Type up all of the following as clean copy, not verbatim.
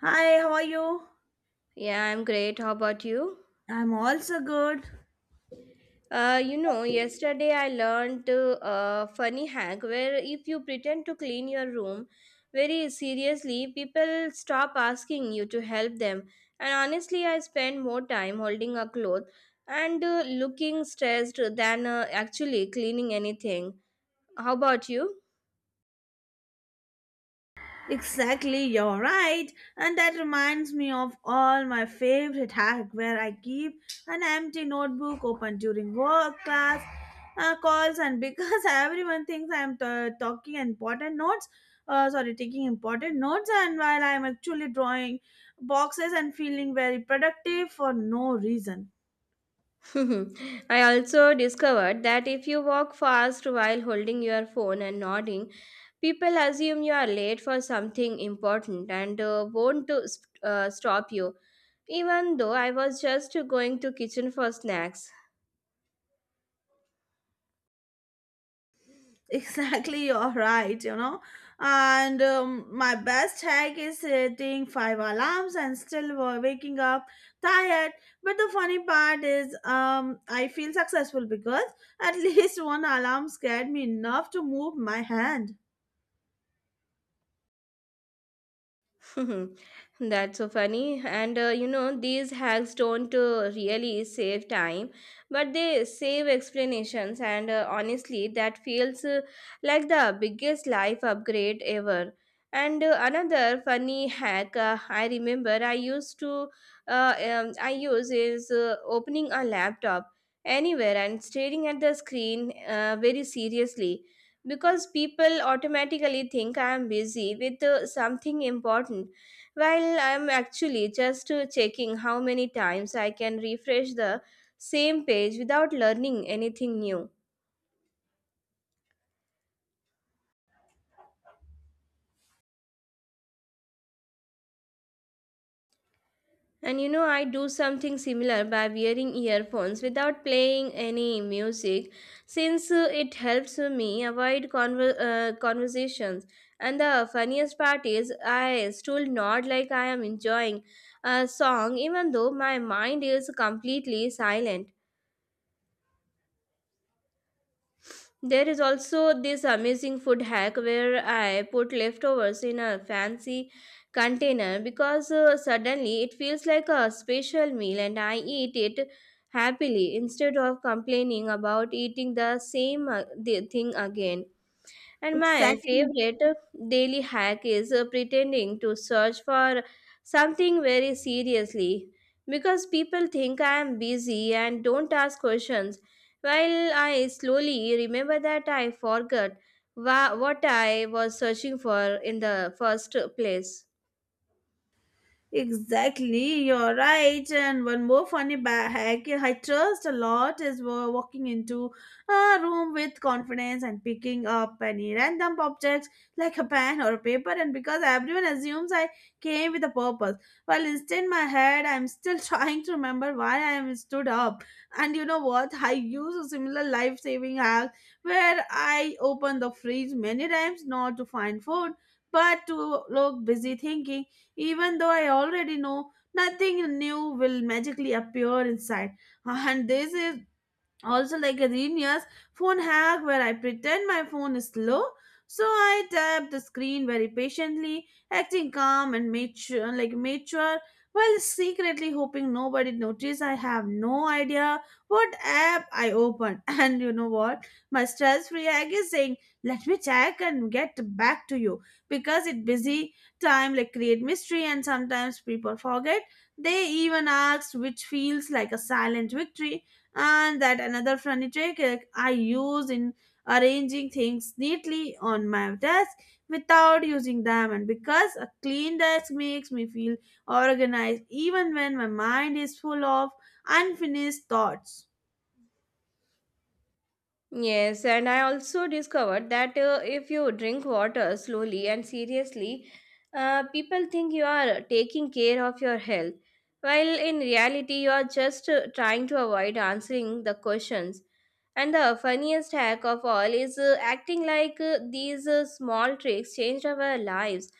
Hi, how are you? Yeah, I'm great. How about you? I'm also good. Yesterday I learned a funny hack where if you pretend to clean your room very seriously, people stop asking you to help them. And honestly, I spend more time holding a cloth and looking stressed than actually cleaning anything. How about you? Exactly, you're right. And that reminds me of all my favorite hack where I keep an empty notebook open during work, class, calls, and because everyone thinks I'm talking important notes, sorry, taking important notes, and while I'm actually drawing boxes and feeling very productive for no reason. I also discovered that if you walk fast while holding your phone and nodding, people assume you are late for something important and won't stop you, even though I was just going to kitchen for snacks. Exactly, you're right, And my best hack is setting five alarms and still waking up tired. But the funny part is, I feel successful because at least one alarm scared me enough to move my hand. Hmm. That's so funny. And these hacks don't really save time, but they save explanations. And honestly, that feels like the biggest life upgrade ever. And another funny hack I remember I used to I use is opening a laptop anywhere and staring at the screen very seriously because people automatically think I am busy with something important. Well, I'm actually just checking how many times I can refresh the same page without learning anything new. And you know, I do something similar by wearing earphones without playing any music since it helps me avoid conversations. And the funniest part is, I still nod like I am enjoying a song even though my mind is completely silent. There is also this amazing food hack where I put leftovers in a fancy container because suddenly it feels like a special meal and I eat it happily instead of complaining about eating the thing again. And my Exactly. favorite daily hack is pretending to search for something very seriously because people think I am busy and don't ask questions. While I slowly remember that I forgot what I was searching for in the first place. Exactly, you're right. And one more funny hack I trust a lot is walking into a room with confidence and picking up any random objects like a pen or a paper. And because everyone assumes I came with a purpose, while instead my head, I'm still trying to remember why I am stood up. And you know what? I use a similar life-saving hack where I open the fridge many times not to find food, but to look busy thinking even though I already know nothing new will magically appear inside. And this is also like a genius phone hack where I pretend my phone is slow. So I tap the screen very patiently, acting calm and mature, like mature, while secretly hoping nobody notice. I have no idea what app I open, and you know what? My stress-free egg is saying, "Let me check and get back to you," because it busy time like create mystery, and sometimes people forget. They even asked, which feels like a silent victory and that another furniture trick I use in arranging things neatly on my desk without using them and because a clean desk makes me feel organized even when my mind is full of unfinished thoughts. Yes, and I also discovered that if you drink water slowly and seriously, people think you are taking care of your health, while in reality, you are just trying to avoid answering the questions. And the funniest hack of all is acting like these small tricks changed our lives.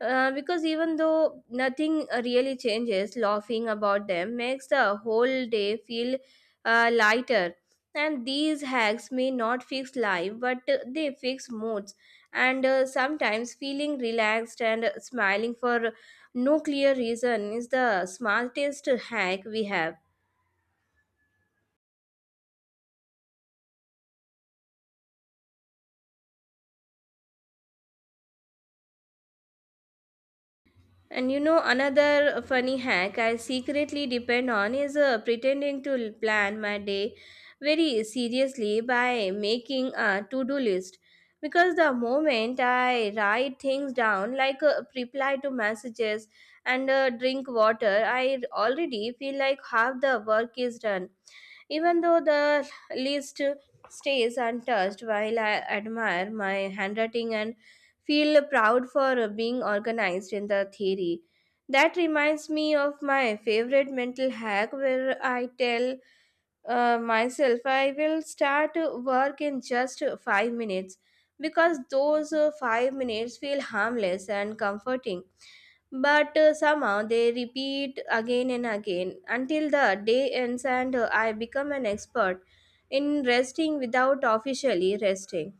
Because even though nothing really changes, laughing about them makes the whole day feel lighter, and these hacks may not fix life but they fix moods, and sometimes feeling relaxed and smiling for no clear reason is the smartest hack we have. And you know, another funny hack I secretly depend on is pretending to plan my day very seriously by making a to do list. Because the moment I write things down, like reply to messages and drink water, I already feel like half the work is done. Even though the list stays untouched, while I admire my handwriting and feel proud for being organized in the theory, that reminds me of my favorite mental hack where I tell myself I will start work in just 5 minutes because those 5 minutes feel harmless and comforting, but somehow they repeat again and again until the day ends and I become an expert in resting without officially resting.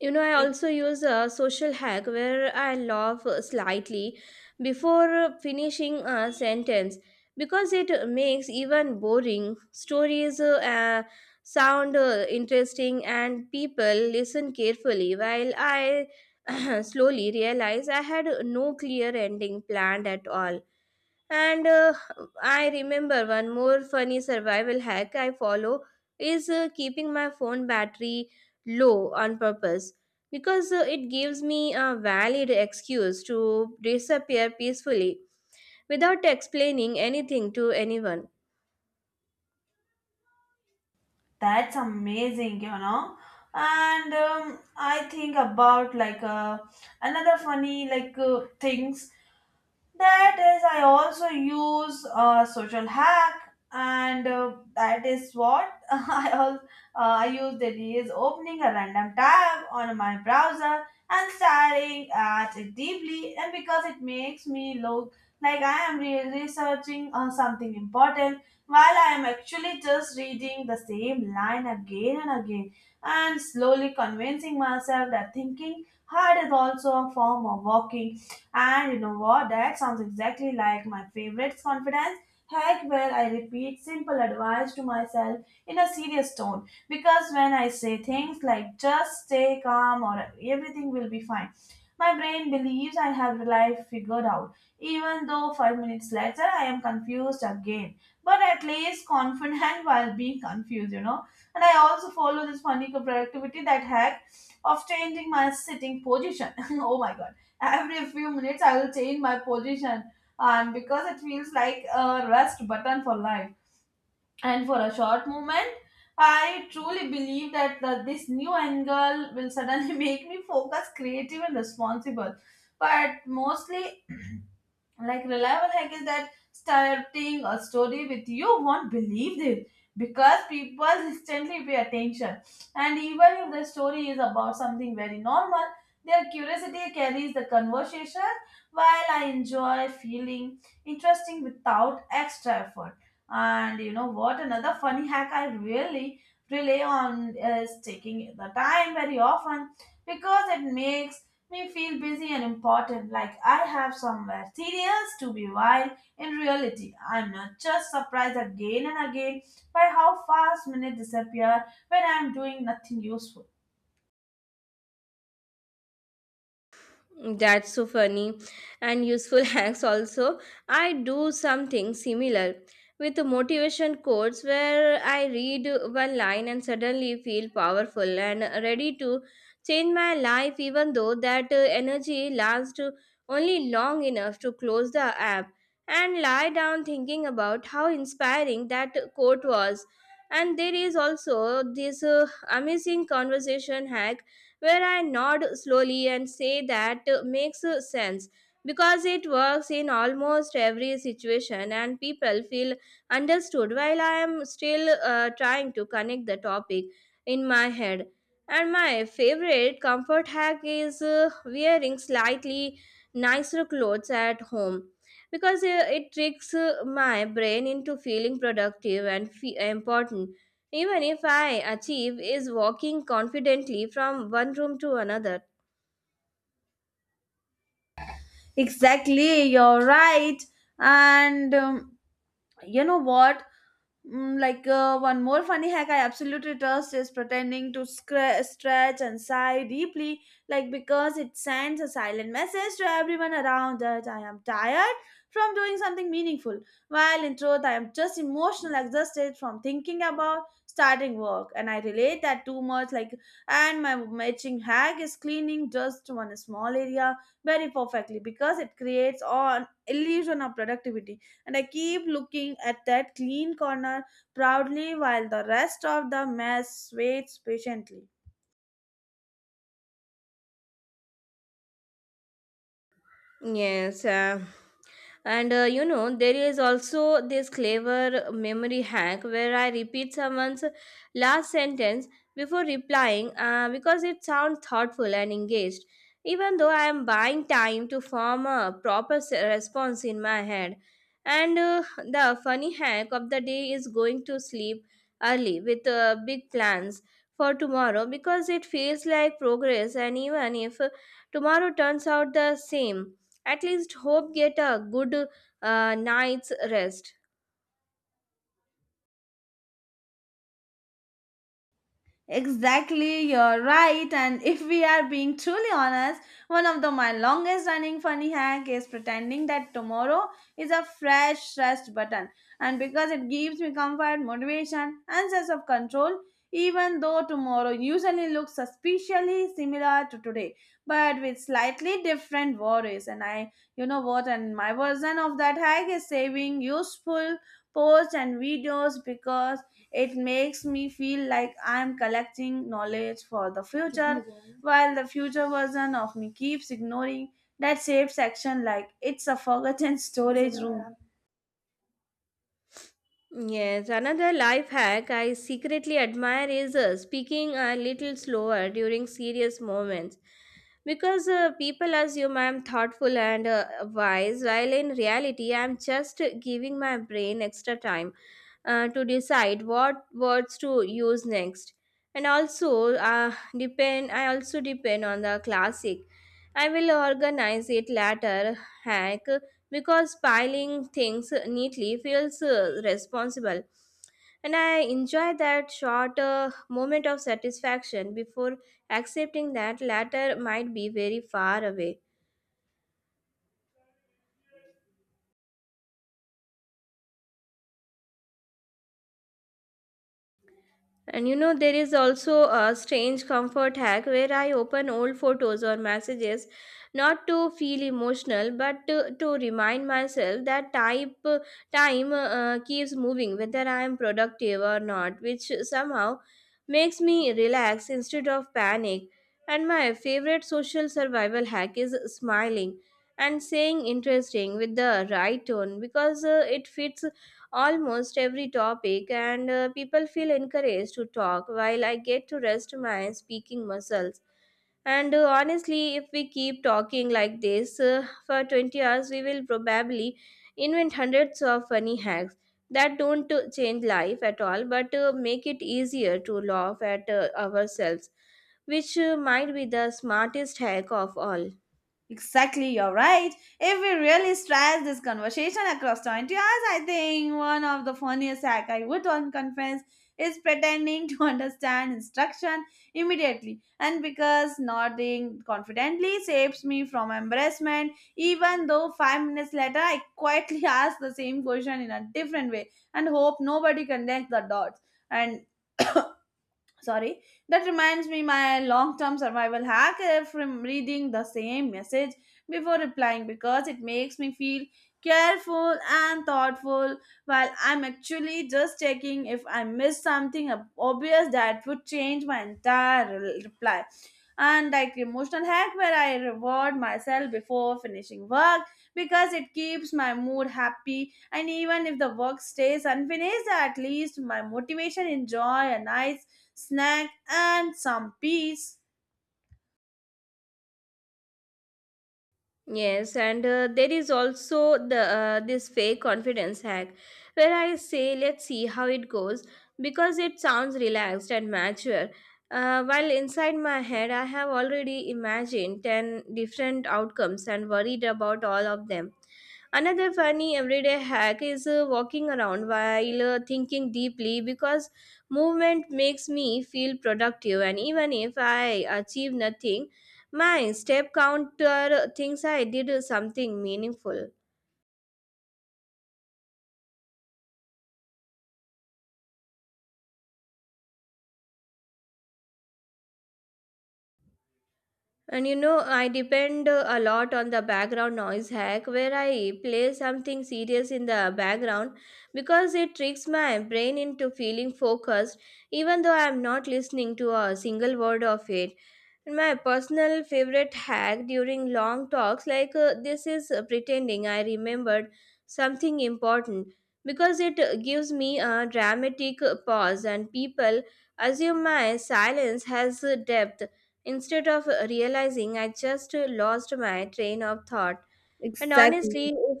You know, I It- also use a social hack where I laugh slightly before finishing a sentence because it makes even boring stories sound interesting and people listen carefully while I slowly realize I had no clear ending planned at all. And I remember one more funny survival hack I follow is keeping my phone battery low on purpose because it gives me a valid excuse to disappear peacefully without explaining anything to anyone. That's amazing, you know. And I think about like another funny like things. That is, I also use a social hack, and that is what I also I use. That is opening a random tab on my browser and staring at it deeply, and because it makes me look like I am researching something important, while I am actually just reading the same line again and again, and slowly convincing myself that thinking hard is also a form of walking. And you know what? That sounds exactly like my favorite confidence hack where I repeat simple advice to myself in a serious tone. Because when I say things like just stay calm or everything will be fine, my brain believes I have life figured out. Even though 5 minutes later I am confused again. But at least confident while being confused, you know. And I also follow this funny productivity that hack of changing my sitting position. Oh my god. Every few minutes, I will change my position, and because it feels like a rest button for life. And for a short moment, I truly believe that the, this new angle will suddenly make me focus creative and responsible. But mostly like reliable hack is that starting a story with you won't believe this because people instantly pay attention, and even if the story is about something very normal, their curiosity carries the conversation while I enjoy feeling interesting without extra effort. And you know what? Another funny hack I really rely on is taking the time very often because it makes me feel busy and important, like I have somewhere serious to be while in reality I'm not just surprised again and again by how fast minutes disappear when I'm doing nothing useful. That's so funny and useful hacks also. I do something similar with the motivation quotes where I read one line and suddenly feel powerful and ready to change my life even though that energy lasts only long enough to close the app and lie down thinking about how inspiring that quote was. And there is also this amazing conversation hack where I nod slowly and say that makes sense because it works in almost every situation and people feel understood while I am still trying to connect the topic in my head. And my favorite comfort hack is wearing slightly nicer clothes at home because it tricks my brain into feeling productive and important even if I achieve is walking confidently from one room to another. Exactly, you're right. And you know what? Like one more funny hack I absolutely trust is pretending to stretch and sigh deeply, like because it sends a silent message to everyone around that I am tired from doing something meaningful, while in truth I am just emotional exhausted from thinking about starting work, and I relate that too much. Like, and my matching hack is cleaning just one small area very perfectly because it creates an illusion of productivity and I keep looking at that clean corner proudly while the rest of the mess waits patiently. Yes, and you know, there is also this clever memory hack where I repeat someone's last sentence before replying because it sounds thoughtful and engaged, even though I am buying time to form a proper response in my head. And the funny hack of the day is going to sleep early with big plans for tomorrow because it feels like progress, and even if tomorrow turns out the same, at least hope get a good night's rest. Exactly, you're right. And if we are being truly honest, one of the my longest running funny hack is pretending that tomorrow is a fresh rest button. And because it gives me comfort, motivation, and sense of control, even though tomorrow usually looks suspiciously similar to today, but with slightly different worries. And I, you know what, and my version of that hack is saving useful posts and videos because it makes me feel like I'm collecting knowledge for the future, while the future version of me keeps ignoring that safe section like it's a forgotten storage room. Yes, another life hack I secretly admire is speaking a little slower during serious moments. Because people assume I am thoughtful and wise, while in reality, I am just giving my brain extra time to decide what words to use next, and also depend on the classic I will organize it later hack because piling things neatly feels responsible and I enjoy that short moment of satisfaction before accepting that later might be very far away. And you know, there is also a strange comfort hack where I open old photos or messages not to feel emotional but to remind myself that time keeps moving whether I am productive or not, which somehow makes me relax instead of panic. And my favorite social survival hack is smiling and saying interesting with the right tone because it fits almost every topic, and people feel encouraged to talk while I get to rest my speaking muscles. And honestly, if we keep talking like this for 20 hours, we will probably invent hundreds of funny hacks that don't change life at all but make it easier to laugh at ourselves, which might be the smartest hack of all. Exactly, you're right. If we really stress this conversation across 20 hours, I think one of the funniest hack I would on conference is pretending to understand instruction immediately. And because nodding confidently saves me from embarrassment, even though 5 minutes later I quietly ask the same question in a different way and hope nobody connects the dots. And sorry, that reminds me my long term survival hack from reading the same message before replying because it makes me feel careful and thoughtful while I'm actually just checking if I missed something obvious that would change my entire reply. And like emotional hack where I reward myself before finishing work because it keeps my mood happy, and even if the work stays unfinished, at least my motivation enjoy a nice snack, and some peas. Yes, and there is also the this fake confidence hack where I say let's see how it goes because it sounds relaxed and mature. While inside my head, I have already imagined 10 different outcomes and worried about all of them. Another funny everyday hack is walking around while thinking deeply because movement makes me feel productive, and even if I achieve nothing, my step counter thinks I did something meaningful. And you know, I depend a lot on the background noise hack where I play something serious in the background because it tricks my brain into feeling focused even though I am not listening to a single word of it. My personal favorite hack during long talks like this is pretending I remembered something important because it gives me a dramatic pause and people assume my silence has depth instead of realizing I just lost my train of thought. And Exactly. honestly, if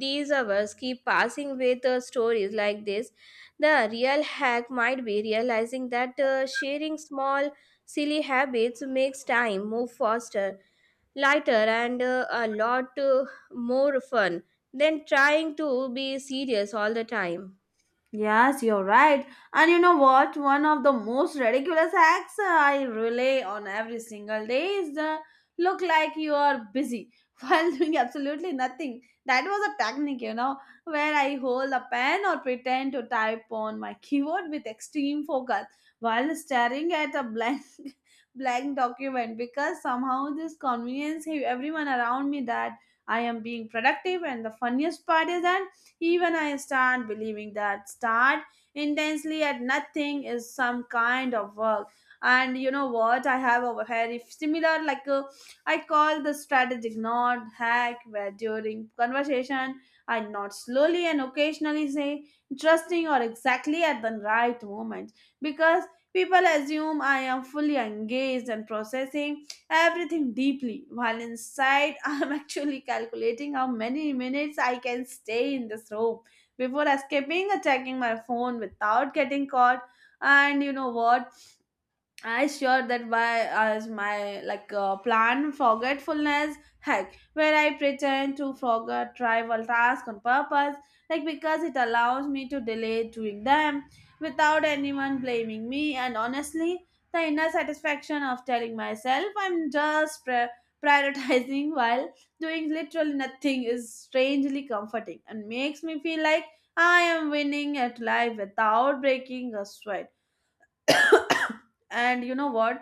these hours keep passing with stories like this, the real hack might be realizing that sharing small, silly habits makes time move faster, lighter, and a lot more fun than trying to be serious all the time. Yes, you're right. And you know what? One of the most ridiculous acts I relay on every single day is the look like you are busy while doing absolutely nothing. That was a technique, you know, where I hold a pen or pretend to type on my keyboard with extreme focus while staring at a blank blank document because somehow this convenience gave everyone around me that I am being productive, and the funniest part is that even I start believing that start intensely at nothing is some kind of work. And you know what? I have a very similar, like I call the strategic nod hack, where during conversation I nod slowly and occasionally say interesting or exactly at the right moment because people assume I am fully engaged and processing everything deeply while inside I'm actually calculating how many minutes I can stay in this room before escaping or checking my phone without getting caught. And you know what? I sure that by as my like plan forgetfulness hack where I pretend to forget trivial tasks on purpose, like because it allows me to delay doing them without anyone blaming me, and honestly, the inner satisfaction of telling myself I'm just prioritizing while doing literally nothing is strangely comforting and makes me feel like I am winning at life without breaking a sweat. And you know what?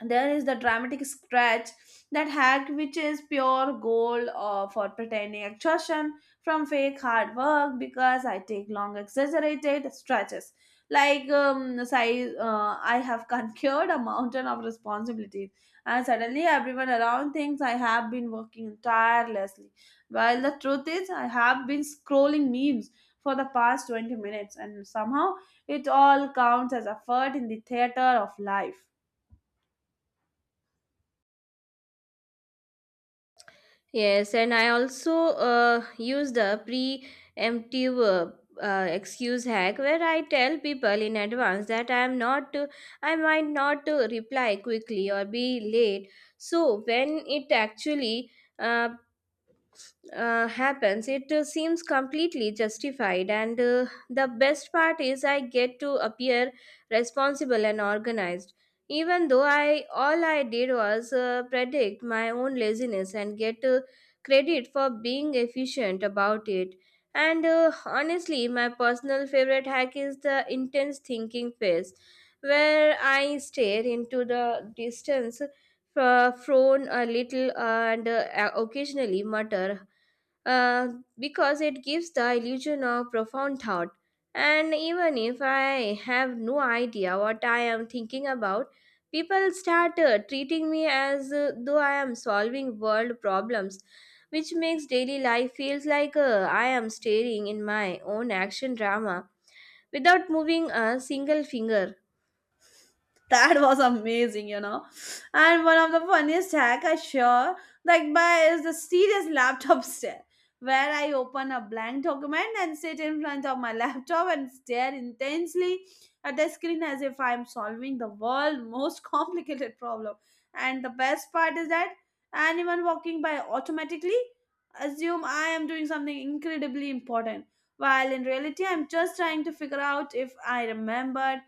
There is the dramatic stretch, that hack which is pure gold for pretending exhaustion from fake hard work because I take long exaggerated stretches like size, I have conquered a mountain of responsibilities and suddenly everyone around thinks I have been working tirelessly, while the truth is I have been scrolling memes for the past 20 minutes and somehow it all counts as effort in the theater of life. Yes, and I also use the preemptive excuse hack where I tell people in advance that I might not reply quickly or be late. So when it actually uh, happens, it seems completely justified. And the best part is, I get to appear responsible and organized, even though I all I did was predict my own laziness and get credit for being efficient about it. And honestly, my personal favorite hack is the intense thinking phase, where I stare into the distance, frown a little, and occasionally mutter, uh, because it gives the illusion of profound thought. And even if I have no idea what I am thinking about, people start treating me as though I am solving world problems, which makes daily life feels like I am staring in my own action drama without moving a single finger. That was amazing, you know. And one of the funniest hack I sure like by is the serious laptop stare, where I open a blank document and sit in front of my laptop and stare intensely at the screen as if I'm solving the world's most complicated problem. And the best part is that anyone walking by automatically assume I am doing something incredibly important. While in reality, I'm just trying to figure out if I remembered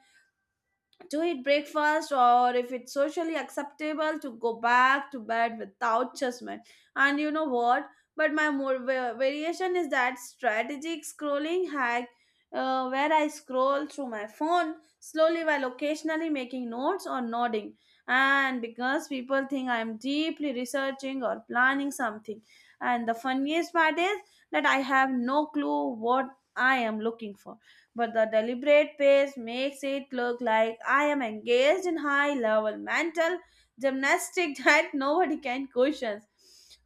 to eat breakfast or if it's socially acceptable to go back to bed without judgment. And you know what? But my more variation is that strategic scrolling hack, where I scroll through my phone slowly while occasionally making notes or nodding, and because people think I'm deeply researching or planning something, and the funniest part is that I have no clue what I am looking for, but the deliberate pace makes it look like I am engaged in high level mental gymnastics that nobody can question.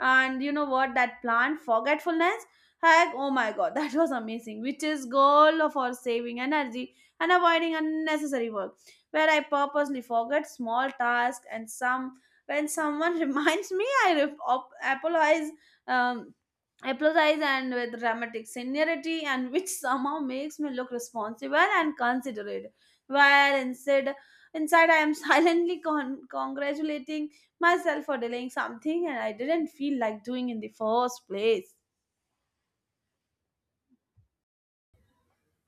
And you know what? That plant forgetfulness. Heck, oh my god, that was amazing. Which is goal for saving energy and avoiding unnecessary work. Where I purposely forget small tasks and some when someone reminds me, I apologize. Um, empathize and with dramatic seniority and which somehow makes me look responsible and considerate while instead inside I am silently congratulating myself for delaying something and I didn't feel like doing in the first place.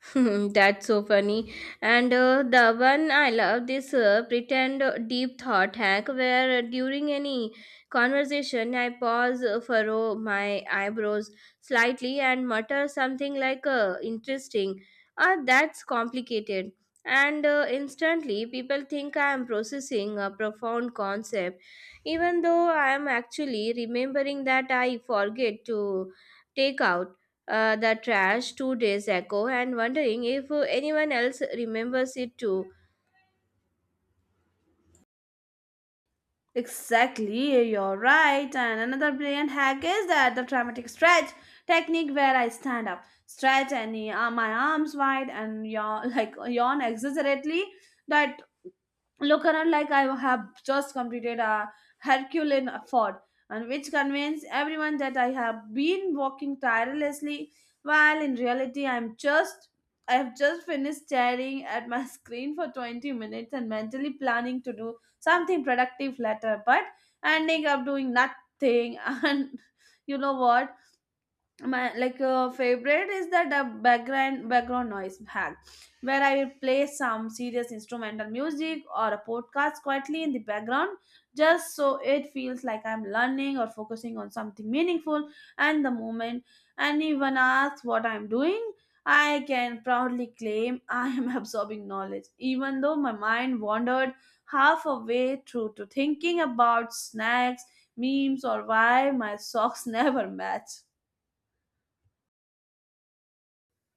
That's so funny. And the one I love this pretend deep thought hack where during any conversation I pause, furrow my eyebrows slightly, and mutter something like interesting. Ah, that's complicated. And instantly, people think I am processing a profound concept, even though I am actually remembering that I forget to take out the trash 2 days ago and wondering if anyone else remembers it too. Exactly, you're right. And another brilliant hack is that the dramatic stretch technique where I stand up, stretch and my arms wide and yawn, like yawn exaggeratedly that look around like I have just completed a Herculean effort, and which convinced everyone that I have been working tirelessly, while in reality I have just finished staring at my screen for 20 minutes and mentally planning to do something productive later, but ending up doing nothing. And you know what? My like favorite is that the background noise hack where I will play some serious instrumental music or a podcast quietly in the background just so it feels like I'm learning or focusing on something meaningful. And the moment anyone asks what I'm doing, I can proudly claim I am absorbing knowledge even though my mind wandered half a way through to thinking about snacks, memes, or why my socks never match.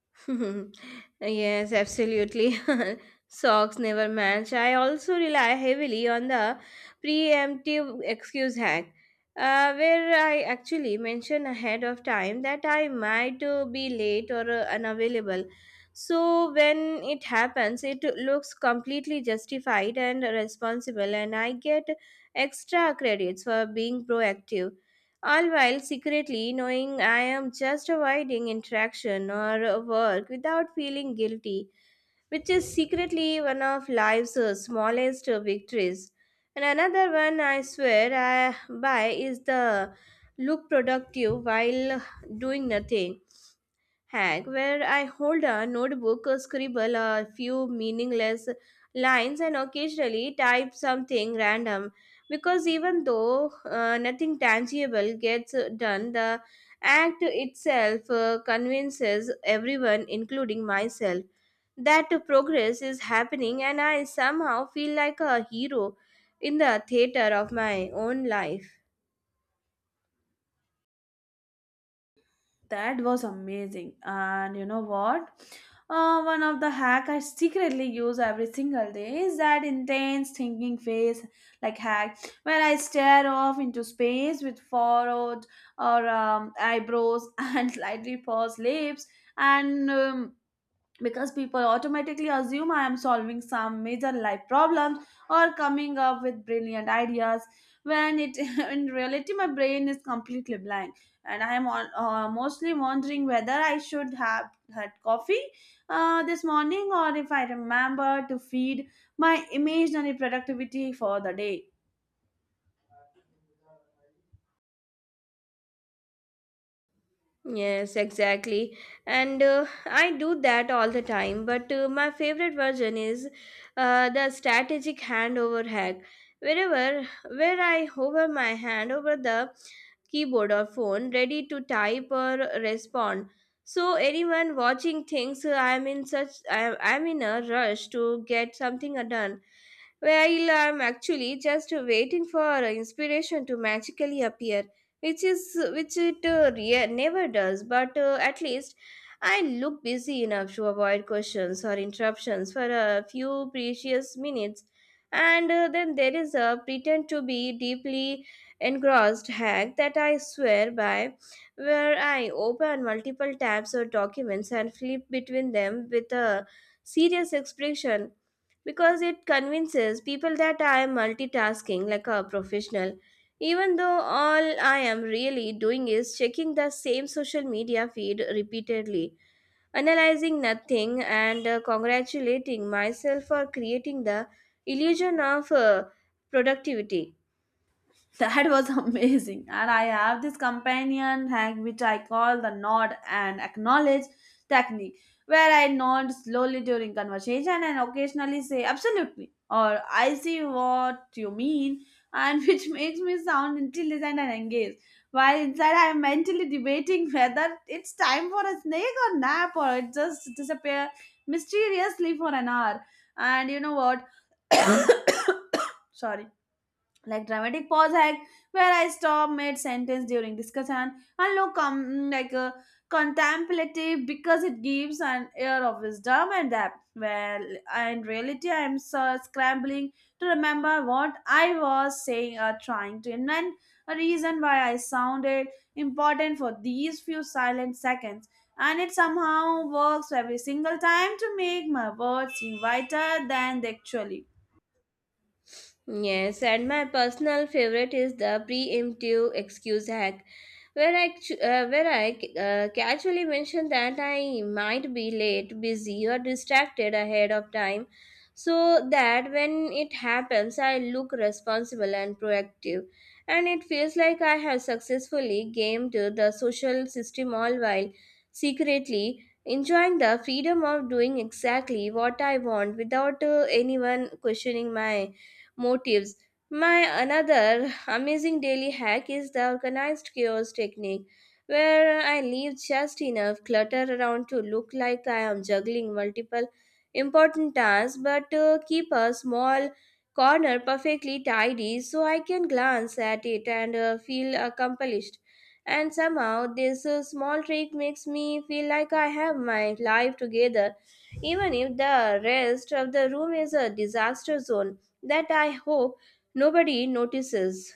Yes, absolutely. Socks never match. I also rely heavily on the preemptive excuse hack. Where I actually mention ahead of time that I might be late or unavailable. So, when it happens, it looks completely justified and responsible, and I get extra credits for being proactive all while secretly knowing I am just avoiding interaction or work without feeling guilty, which is secretly one of life's smallest victories. And another one I swear I by is the look productive while doing nothing hack where I hold a notebook, scribble a few meaningless lines, and occasionally type something random. Because even though nothing tangible gets done, the act itself convinces everyone, including myself, that progress is happening, and I somehow feel like a hero in the theater of my own life. That was amazing. And you know what? One of the hack I secretly use every single day is that intense thinking phase like hack where I stare off into space with furrowed or eyebrows and slightly pursed lips and because people automatically assume I am solving some major life problems or coming up with brilliant ideas when it in reality my brain is completely blank and I am on, mostly wondering whether I should have had coffee this morning or if I remember to feed my imaginary productivity for the day. Yes, exactly. And I do that all the time. But my favorite version is the strategic handover hack. Wherever where I hover my hand over the keyboard or phone, ready to type or respond. So anyone watching thinks I am in such I am I'm in a rush to get something done. Well, I'm actually just waiting for inspiration to magically appear, which is which it never does. But at least I look busy enough to avoid questions or interruptions for a few precious minutes. And then there is a pretend to be deeply engrossed hack that I swear by, where I open multiple tabs or documents and flip between them with a serious expression because it convinces people that I am multitasking like a professional, even though all I am really doing is checking the same social media feed repeatedly, analyzing nothing, and congratulating myself for creating the illusion of productivity. That was amazing. And I have this companion hack which I call the nod and acknowledge technique, where I nod slowly during conversation and occasionally say absolutely or I see what you mean, and which makes me sound intelligent and engaged. While inside, I am mentally debating whether it's time for a snake or nap or it just disappear mysteriously for an hour. And you know what? Sorry, like dramatic pause hack where I stop mid sentence during discussion and look like a contemplative because it gives an air of wisdom and depth. Well, in reality, I'm so scrambling to remember what I was saying or trying to invent a reason why I sounded important for these few silent seconds. And it somehow works every single time to make my words seem wider than they actually. Yes, and my personal favorite is the preemptive excuse hack, where I casually mention that I might be late, busy, or distracted ahead of time, so that when it happens, I look responsible and proactive, and it feels like I have successfully gamed the social system all while secretly enjoying the freedom of doing exactly what I want without anyone questioning my motives. My another amazing daily hack is the organized chaos technique, where I leave just enough clutter around to look like I am juggling multiple important tasks, but keep a small corner perfectly tidy so I can glance at it and feel accomplished. And somehow, this small trick makes me feel like I have my life together, even if the rest of the room is a disaster zone that I hope nobody notices.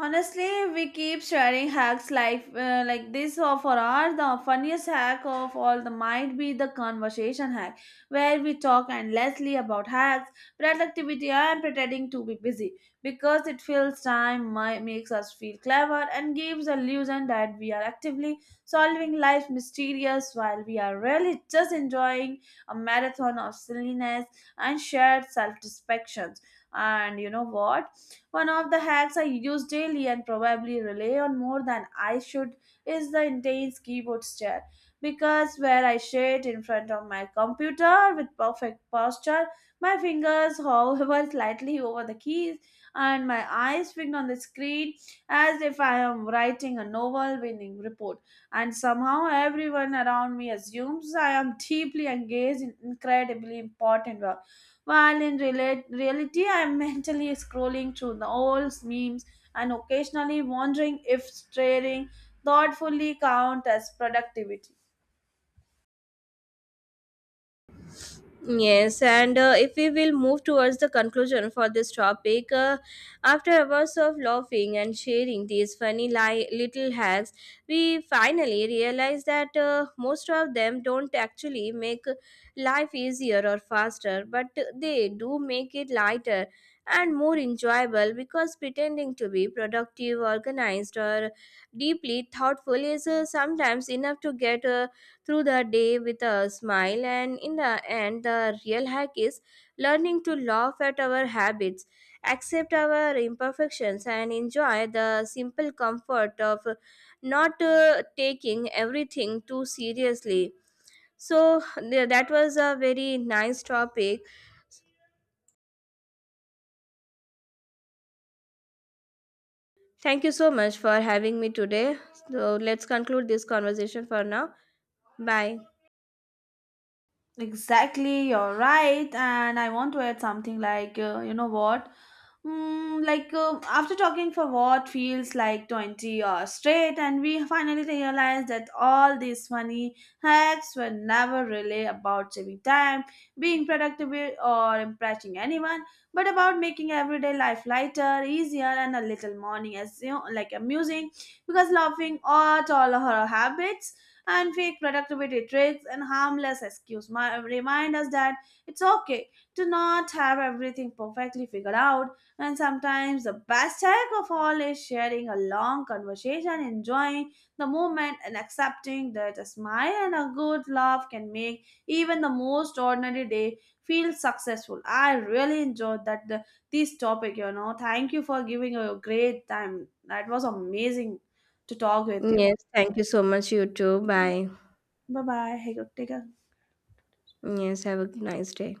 Honestly, we keep sharing hacks like this or for our the funniest hack of all the might be the conversation hack where we talk endlessly about hacks, productivity and pretending to be busy because it fills time, makes us feel clever and gives the illusion that we are actively solving life's mysterious while we are really just enjoying a marathon of silliness and shared self-distractions. And you know what? One of the hacks I use daily and probably rely on more than I should is the intense keyboard stare because where I sit in front of my computer with perfect posture, my fingers however slightly over the keys and my eyes fixed on the screen as if I am writing a novel winning report and somehow everyone around me assumes I am deeply engaged in incredibly important work while in reality, I'm mentally scrolling through the old memes and occasionally wondering if staring thoughtfully count as productivity. Yes, and if we will move towards the conclusion for this topic, after hours of laughing and sharing these funny little hacks, we finally realize that most of them don't actually make life easier or faster, but they do make it lighter and more enjoyable because pretending to be productive, organized, or deeply thoughtful is sometimes enough to get through the day with a smile. And in the end, the real hack is learning to laugh at our habits, accept our imperfections, and enjoy the simple comfort of not taking everything too seriously. So, that was a very nice topic. Thank you so much for having me today. So, let's conclude this conversation for now. Bye. Exactly, you're right. And I want to add something like, you know what? Like after talking for what feels like 20 hours straight and we finally realized that all these funny hacks were never really about saving time, being productive, or impressing anyone but about making everyday life lighter, easier and a little morning as you know, like amusing because laughing at all her habits and fake productivity tricks and harmless excuse my, remind us that it's okay to not have everything perfectly figured out and sometimes the best hack of all is sharing a long conversation, enjoying the moment, and accepting that a smile and a good laugh can make even the most ordinary day feel successful. I really enjoyed that the, this topic. You know, thank you for giving a great time. That was amazing to talk with you. Yes, thank you so much, you too. Bye. Bye bye. Hey, take care. Yes, have a nice day.